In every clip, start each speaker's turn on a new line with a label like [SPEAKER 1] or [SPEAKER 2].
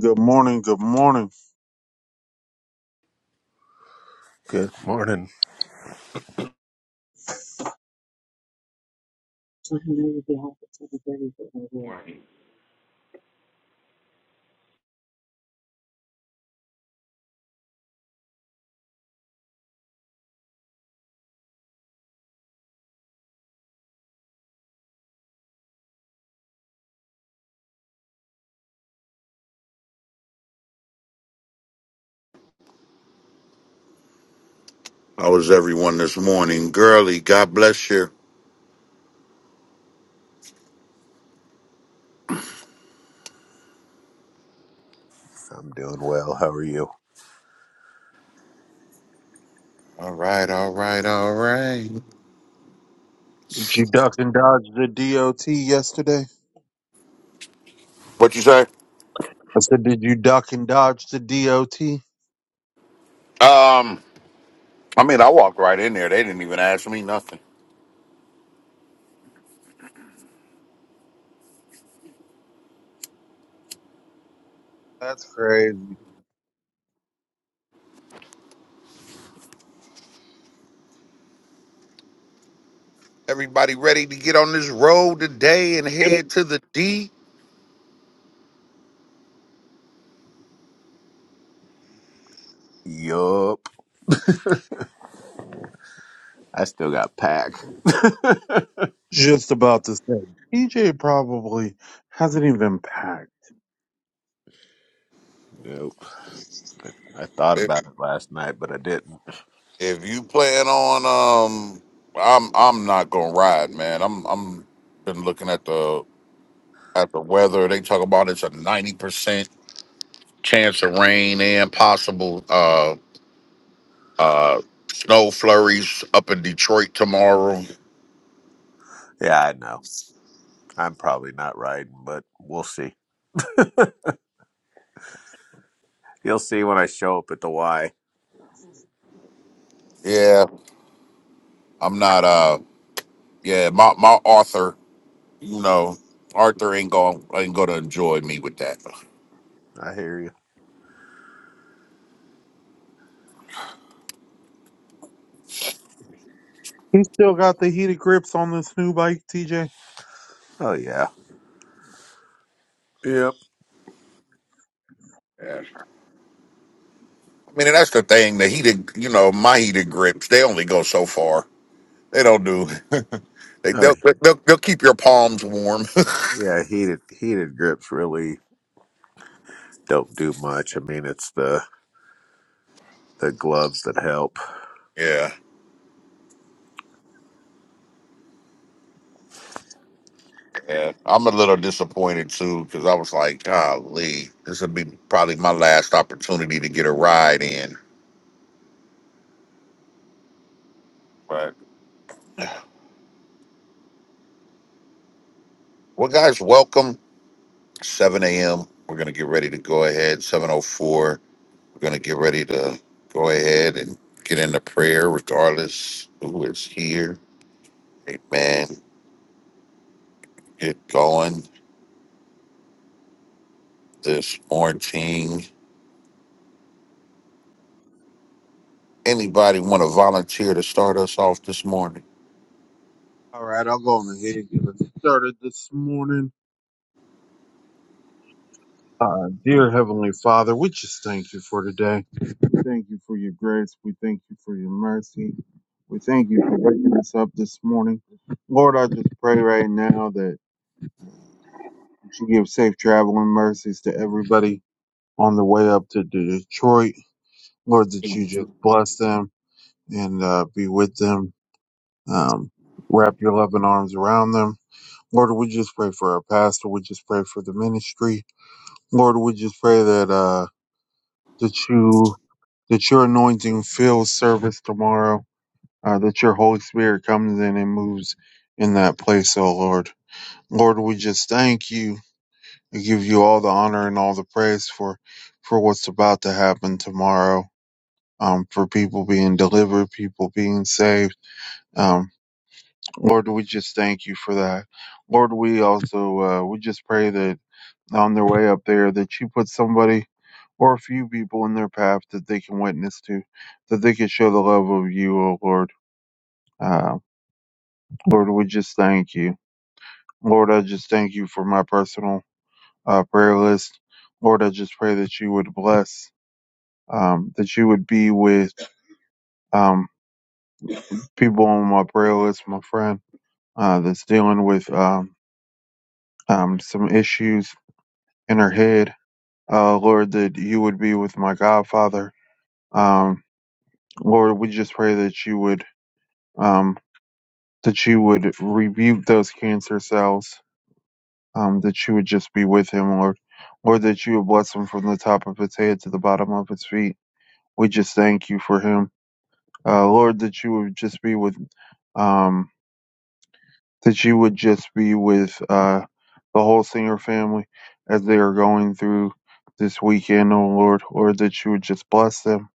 [SPEAKER 1] Good morning. Good morning.
[SPEAKER 2] Good morning.
[SPEAKER 3] How was everyone this morning? Girly, God bless you.
[SPEAKER 2] I'm doing well. How are you?
[SPEAKER 3] All right, all right, all right.
[SPEAKER 1] Did you duck and dodge the DOT yesterday?
[SPEAKER 3] What you say?
[SPEAKER 1] I said, did you duck and dodge the DOT?
[SPEAKER 3] Um, I mean, I walked right in there. They didn't even ask me nothing.
[SPEAKER 1] That's crazy.
[SPEAKER 3] Everybody ready to get on this road today and head to the D?
[SPEAKER 2] Yup. I still got pack.
[SPEAKER 1] Just about to say, TJ probably hasn't even packed.
[SPEAKER 2] Nope. I thought
[SPEAKER 3] If,
[SPEAKER 2] about it last night, but I didn't.
[SPEAKER 3] if you plan on, um, I'm I'm not gonna ride, man. I'm I'm been looking at the at the weather. They talk about it's a ninety percent chance of rain and possible. uh Uh, snow flurries up in Detroit tomorrow.
[SPEAKER 2] Yeah, I know. I'm probably not riding, but we'll see. You'll see when I show up at the Y.
[SPEAKER 3] Yeah, I'm not. Uh, yeah, my my Arthur, you know, Arthur ain't going ain't gonna enjoy me with that.
[SPEAKER 2] I hear you.
[SPEAKER 1] He still got the heated grips on this new bike, TJ.
[SPEAKER 2] Oh yeah. Yep.
[SPEAKER 3] Yeah. I mean, and that's the thing. The heated, you know, my heated grips, they only go so far. They don't do. they,
[SPEAKER 2] Oh
[SPEAKER 3] they'll, they'll they'll keep your palms warm.
[SPEAKER 2] yeah. Heated heated grips really don't do much. I mean, it's the the gloves that help.
[SPEAKER 3] Yeah, yeah. I'm a little disappointed too because I was like, golly, this would be probably my last opportunity to get a ride in. But well, guys, welcome. 7 a.m. We're going to get ready to go ahead. 7.04, we're going to get ready to go ahead and get into prayer regardless who is here. Amen. Get going this morning. Anybody want to volunteer to start us off this morning?
[SPEAKER 1] All right, I'll go on ahead and get it started this morning. Uh, dear Heavenly Father, we just thank you for today. thank you for your grace. We thank you for your mercy. We thank you for waking us up this morning. Lord, I just pray right now that you give safe traveling mercies to everybody on the way up to Detroit. Lord, that you just bless them and uh, be with them. Um, wrap your loving arms around them. Lord, we just pray for our pastor. We just pray for the ministry. Lord, we just pray that uh, that you that your anointing fills service tomorrow uh, that your Holy Spirit comes in and moves in that place, O Lord. Lord, we just thank you. We give you all the honor and all the praise for, for what's about to happen tomorrow. Um, for people being delivered, people being saved. Um, Lord, we just thank you for that. Lord, we also, uh, we just pray that on their way up there that you put somebody or a few people in their path that they can witness to, that they can show the love of you, O Lord. Uh, Lord, we just thank you. Lord, I just thank you for my personal uh, prayer list. Lord, I just pray that you would bless, um, that you would be with um, people on my prayer list, my friend uh, that's dealing with um, um, some issues in her head. Uh, Lord, that you would be with my Godfather. Um, Lord, we just pray that you would um, that you would rebuke those cancer cells. Um, that you would just be with him, Lord. Lord, that you would bless him from the top of his head to the bottom of his feet. We just thank you for him. Uh, Lord, that you would just be with, um, that you would just be with, uh, the whole singer family as they are going through this weekend, oh Lord, Lord, that you would just bless them.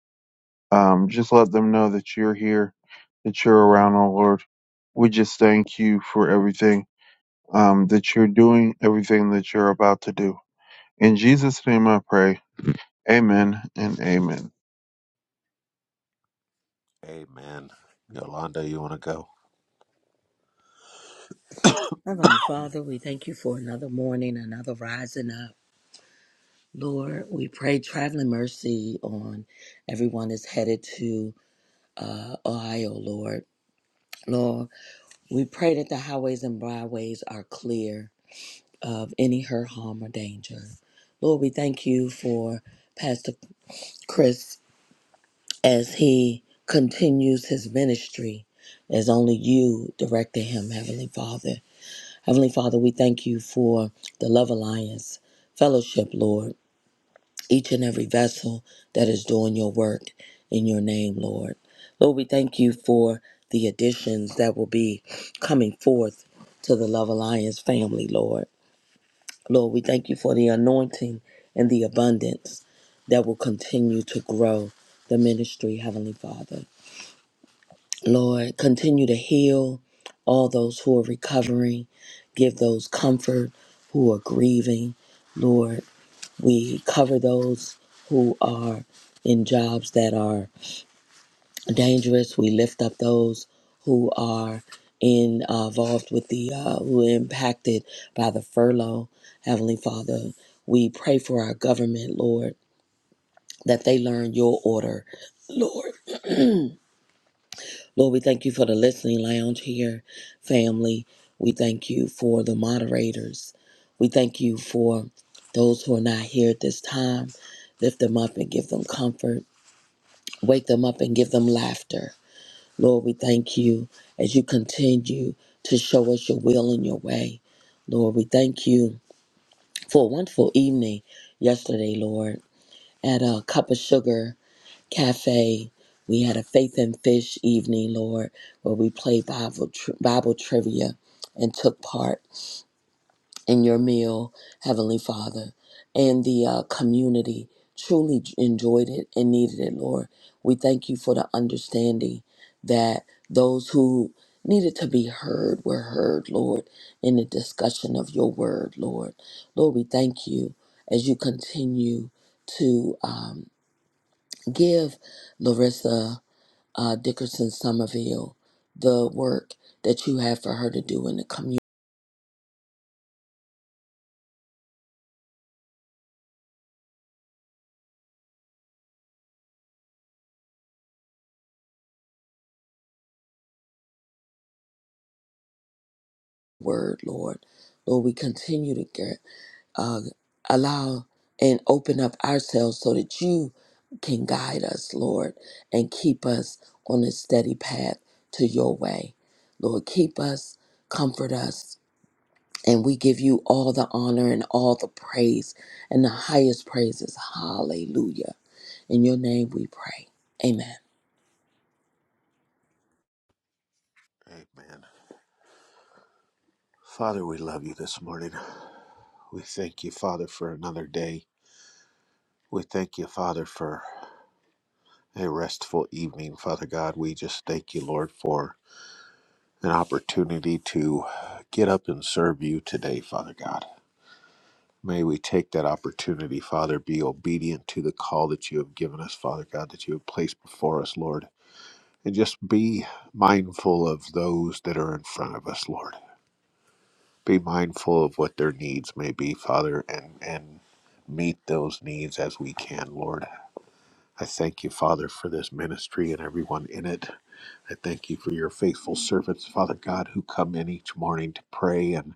[SPEAKER 1] Um, just let them know that you're here, that you're around, oh Lord. We just thank you for everything, um, that you're doing, everything that you're about to do. In Jesus' name I pray. Amen and amen.
[SPEAKER 2] Amen. Yolanda, you want to go?
[SPEAKER 4] Heavenly Father, we thank you for another morning, another rising up. Lord, we pray traveling mercy on everyone that's headed to uh, Ohio, Lord. Lord, we pray that the highways and byways are clear of any hurt, harm, or danger. Lord, we thank you for Pastor Chris as he continues his ministry as only you directed him, Heavenly Father. Heavenly Father, we thank you for the Love Alliance fellowship, Lord, each and every vessel that is doing your work in your name, Lord. Lord, we thank you for the additions that will be coming forth to the Love Alliance family, Lord. Lord, we thank you for the anointing and the abundance that will continue to grow the ministry, Heavenly Father. Lord, continue to heal all those who are recovering. Give those comfort who are grieving. Lord, we cover those who are in jobs that are dangerous. We lift up those who are in, uh, involved with the, uh, who are impacted by the furlough. Heavenly Father, we pray for our government, Lord, that they learn your order, Lord. Lord, we thank you for the listening lounge here, family. We thank you for the moderators. We thank you for those who are not here at this time. Lift them up and give them comfort. Wake them up and give them laughter. Lord, we thank you as you continue to show us your will and your way. Lord, we thank you for a wonderful evening yesterday, Lord, at a cup of sugar Cafe. We had a Faith and Fish evening, Lord, where we played Bible, tri- Bible trivia and took part in your meal, Heavenly Father. And the uh, community truly j- enjoyed it and needed it, Lord. We thank you for the understanding that those who needed to be heard were heard, Lord, in the discussion of your word, Lord. Lord, we thank you as you continue to um, give Larissa uh, Dickerson Somerville, the work that you have for her to do in the community word, Lord. Lord, we continue to get, uh, allow and open up ourselves so that you can guide us, Lord, and keep us on a steady path to your way. Lord, keep us, comfort us, and we give you all the honor and all the praise and the highest praises. Hallelujah. In your name we pray. Amen.
[SPEAKER 2] Amen. Father, we love you this morning. We thank you, Father, for another day. We thank you, Father, for a restful evening. Father God, we just thank you, Lord, for an opportunity to get up and serve you today, Father God. May we take that opportunity, Father, be obedient to the call that you have given us, Father God, that you have placed before us, Lord. And just be mindful of those that are in front of us, Lord. Be mindful of what their needs may be, Father, and, and meet those needs as we can, Lord. I thank you, Father, for this ministry and everyone in it. I thank you for your faithful servants, Father God, who come in each morning to pray and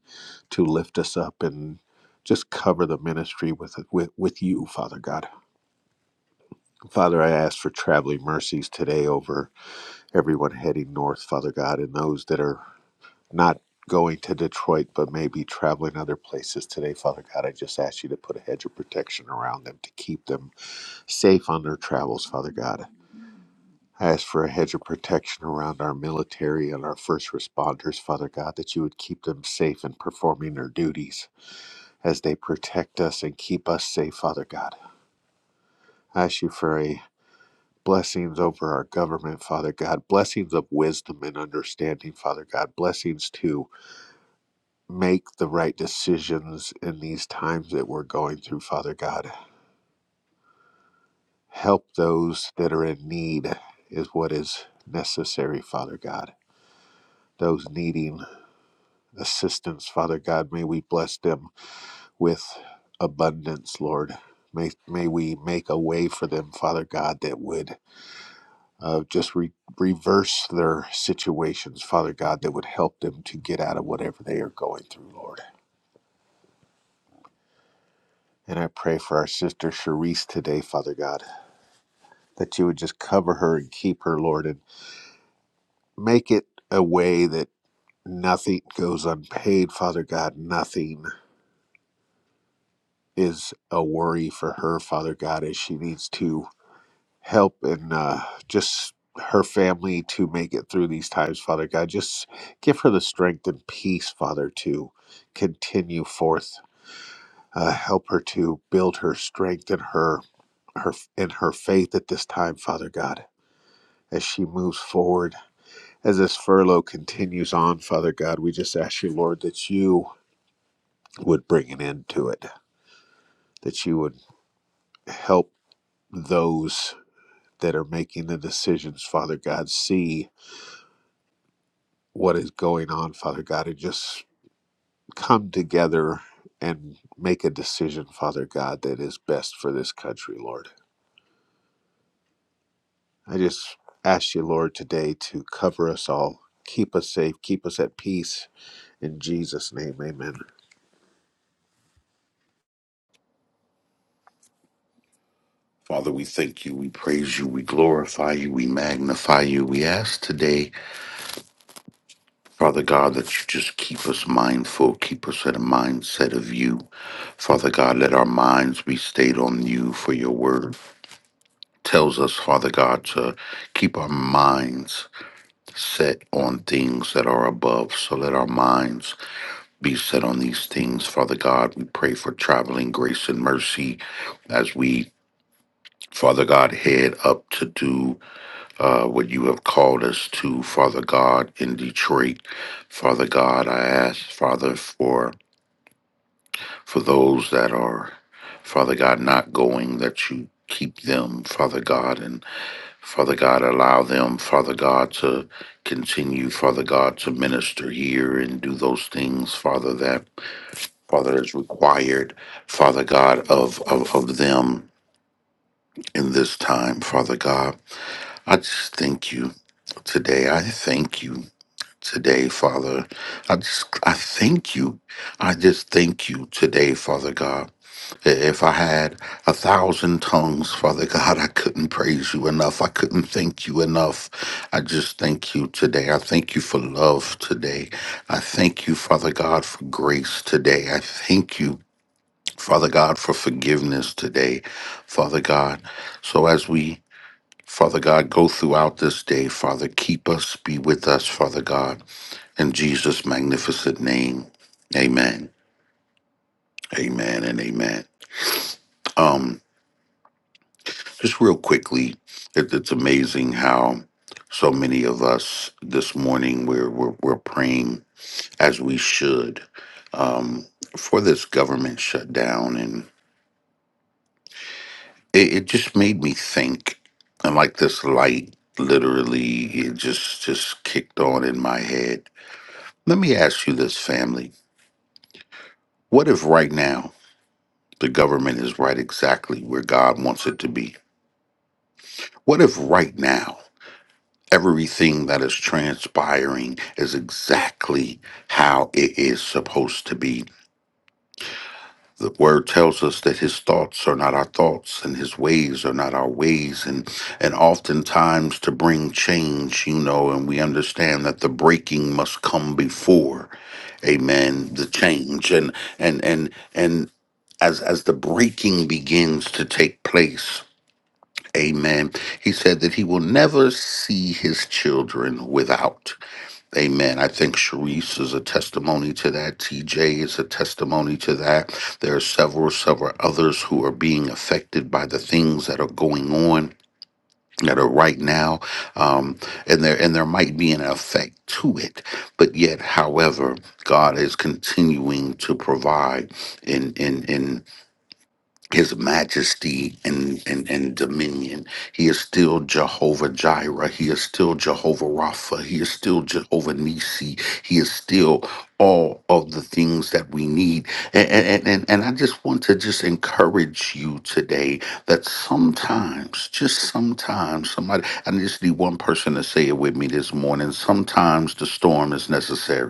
[SPEAKER 2] to lift us up and just cover the ministry with, with with you, Father God. Father, I ask for traveling mercies today over everyone heading north, Father God, and those that are not going to Detroit but maybe traveling other places today, Father God. I just ask you to put a hedge of protection around them to keep them safe on their travels, Father God. I ask for a hedge of protection around our military and our first responders, Father God, that you would keep them safe in performing their duties as they protect us and keep us safe, Father God. I ask you for a blessings over our government, Father God, blessings of wisdom and understanding, Father God, blessings to make the right decisions in these times that we're going through, Father God. Help those that are in need is what is necessary, Father God. Those needing assistance, Father God. May we bless them with abundance, Lord. May, may we make a way for them, Father God, that would uh, just re- reverse their situations, Father God, that would help them to get out of whatever they are going through, Lord. And I pray for our sister Cherise today, Father God, that you would just cover her and keep her, Lord, and make it a way that nothing goes unpaid, Father God. Nothing is a worry for her, Father God, as she needs to help and uh, just her family to make it through these times, Father God. Just give her the strength and peace, Father, to continue forth. Uh, help her to build her strength and her her and her faith at this time, Father God, as she moves forward. As this furlough continues on, Father God, we just ask you, Lord, that you would bring an end to it, that you would help those that are making the decisions, Father God, see what is going on, Father God, and just come together and make a decision, Father God, that is best for this country, Lord. I just ask you, Lord, today to cover us all, keep us safe, keep us at peace. In Jesus' name, amen.
[SPEAKER 3] Father, we thank you, we praise you, we glorify you, we magnify you. We ask today, Father God, that you just keep us mindful, keep us at a mindset of you. Father God, let our minds be stayed on you for your word. tells us, Father God, to keep our minds set on things that are above. So let our minds be set on these things, Father God. We pray for traveling grace and mercy as we, Father God, head up to do uh, what you have called us to, Father God, in Detroit. Father God, I ask, Father, for for those that are, Father God, not going, that you keep them, Father God, and. Father God, allow them, Father God, to continue, Father God, to minister here and do those things, Father, that Father is required, Father God, of, of, of them in this time, Father God. I just thank you today. I thank you today, Father. I just I thank you. I just thank you today, Father God. If I had a thousand tongues, Father God, I couldn't praise you enough. I couldn't thank you enough. I just thank you today. I thank you for love today. I thank you, Father God, for grace today. I thank you, Father God, for forgiveness today, Father God. So as we Father God, go throughout this day, Father. Keep us, be with us, Father God. In Jesus' magnificent name, amen. Amen and amen. Um. Just real quickly, it, it's amazing how so many of us this morning we're we're, we're praying as we should um, for this government shutdown, and it, it just made me think. And like this light, literally, it just just kicked on in my head. Let me ask you this, family: What if right now the government is right exactly where God wants it to be? What if right now? everything that is transpiring is exactly how it is supposed to be. The word tells us that his thoughts are not our thoughts and his ways are not our ways. And, and oftentimes, to bring change, you know, and we understand that the breaking must come before, amen, the change. And, and, and, and, as, as the breaking begins to take place, amen, he said that he will never see his children without. Amen. I think Sharice is a testimony to that. TJ is a testimony to that. There are several, several others who are being affected by the things that are going on that are right now. Um, and there and there might be an effect to it. But yet, however, God is continuing to provide in in in his majesty and, and, and dominion. He is still Jehovah Jireh. He is still Jehovah Rapha. He is still Jehovah Nisi. He is still all of the things that we need. And, and, and, and I just want to just encourage you today that sometimes, just sometimes, somebody, I just need one person to say it with me this morning. Sometimes the storm is necessary.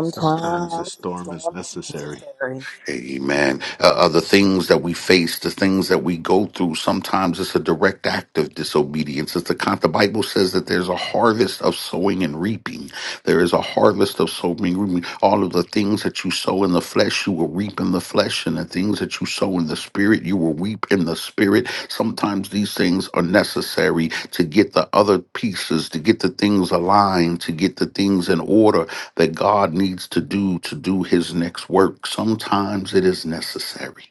[SPEAKER 2] Sometimes a
[SPEAKER 4] a
[SPEAKER 2] storm is
[SPEAKER 4] storm is
[SPEAKER 2] necessary.
[SPEAKER 4] necessary.
[SPEAKER 3] Amen. Uh, uh, the things that we face, the things that we go through, sometimes it's a direct act of disobedience. It's the con- the Bible says that there's a harvest of sowing and reaping. There is a harvest of sowing and reaping. All of the things that you sow in the flesh, you will reap in the flesh, and the things that you sow in the spirit, you will reap in the spirit. Sometimes these things are necessary to get the other pieces, to get the things aligned, to get the things in order that God needs to do to do his next work. Sometimes it is necessary.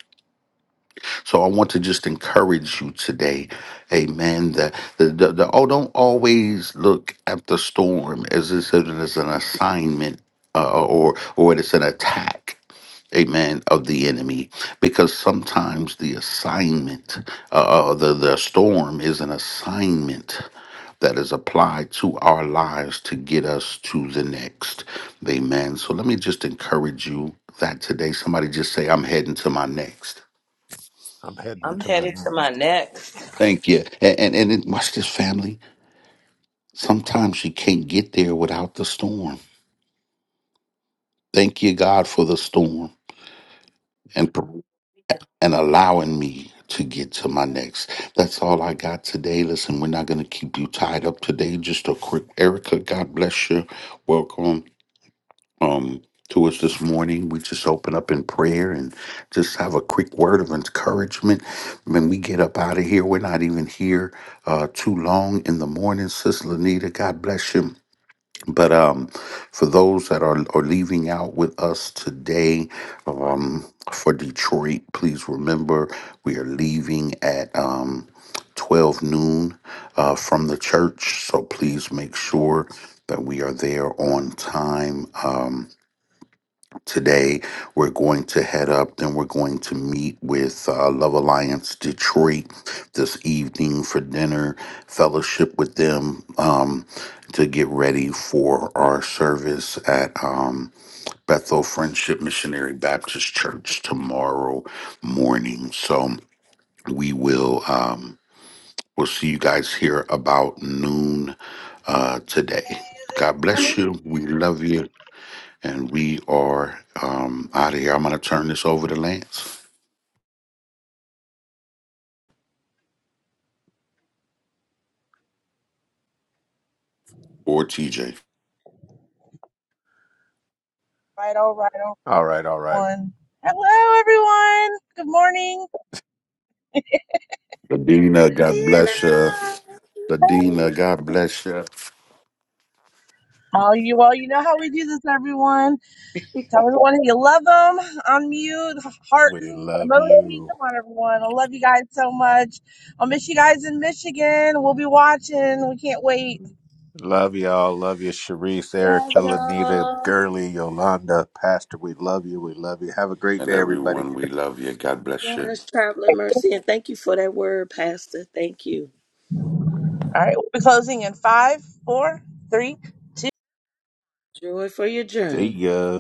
[SPEAKER 3] So I want to just encourage you today, amen, that the, the, the oh, don't always look at the storm as, is- as an assignment uh, or, or it is an attack amen of the enemy because sometimes the assignment uh, uh, the the storm is an assignment that is applied to our lives to get us to the next amen so let me just encourage you that today somebody just say i'm heading to my next
[SPEAKER 2] I'm heading
[SPEAKER 4] I'm
[SPEAKER 2] to my
[SPEAKER 4] headed to my
[SPEAKER 2] next.
[SPEAKER 4] next
[SPEAKER 3] thank you and and, and it, watch this family sometimes you can't get there without the storm thank you god for the storm and and allowing me to get to my next. That's all I got today. Listen, we're not going to keep you tied up today. Just a quick, Erica, God bless you. Welcome um, to us this morning. We just open up in prayer and just have a quick word of encouragement. When we get up out of here, we're not even here uh, too long in the morning. Sis Lanita, God bless you. But um, for those that are, are leaving out with us today um, for Detroit, please remember we are leaving at um, 12 noon uh, from the church. So please make sure that we are there on time. Um, Today, we're going to head up, then we're going to meet with uh, Love Alliance Detroit this evening for dinner, fellowship with them um, to get ready for our service at um, Bethel Friendship Missionary Baptist Church tomorrow morning. So we will um, we'll see you guys here about noon uh, today. God bless you. We love you. And we are um, out of here. I'm going to turn this over to Lance or TJ.
[SPEAKER 1] Right, all right,
[SPEAKER 2] All right, all right.
[SPEAKER 1] One. Hello, everyone. Good morning.
[SPEAKER 3] Ladina, God bless you.
[SPEAKER 4] dinner.
[SPEAKER 3] Ladina, God bless you.
[SPEAKER 1] All you all, you know how we do this, everyone. Tell everyone how you love them. Unmute, heart,
[SPEAKER 2] We
[SPEAKER 1] and
[SPEAKER 2] love
[SPEAKER 1] emoji.
[SPEAKER 2] you.
[SPEAKER 1] Come on, everyone. I love you guys so much. I'll miss you guys in Michigan. We'll be watching. We can't wait.
[SPEAKER 2] Love y'all. Love you, Sharice,
[SPEAKER 4] Love
[SPEAKER 2] Erica, Lanita,
[SPEAKER 4] y'all.
[SPEAKER 2] Gurley, Yolanda, Pastor. We love you. We love you. Have a great
[SPEAKER 3] And
[SPEAKER 2] day, everybody.
[SPEAKER 3] everyone, we love you. God bless you.
[SPEAKER 4] Yes, traveling
[SPEAKER 1] All
[SPEAKER 4] mercy. And thank you for that word, Pastor. Thank you.
[SPEAKER 1] right, we'll be closing in five, four, three,
[SPEAKER 4] Joy for your
[SPEAKER 2] See
[SPEAKER 4] journey.
[SPEAKER 2] ya.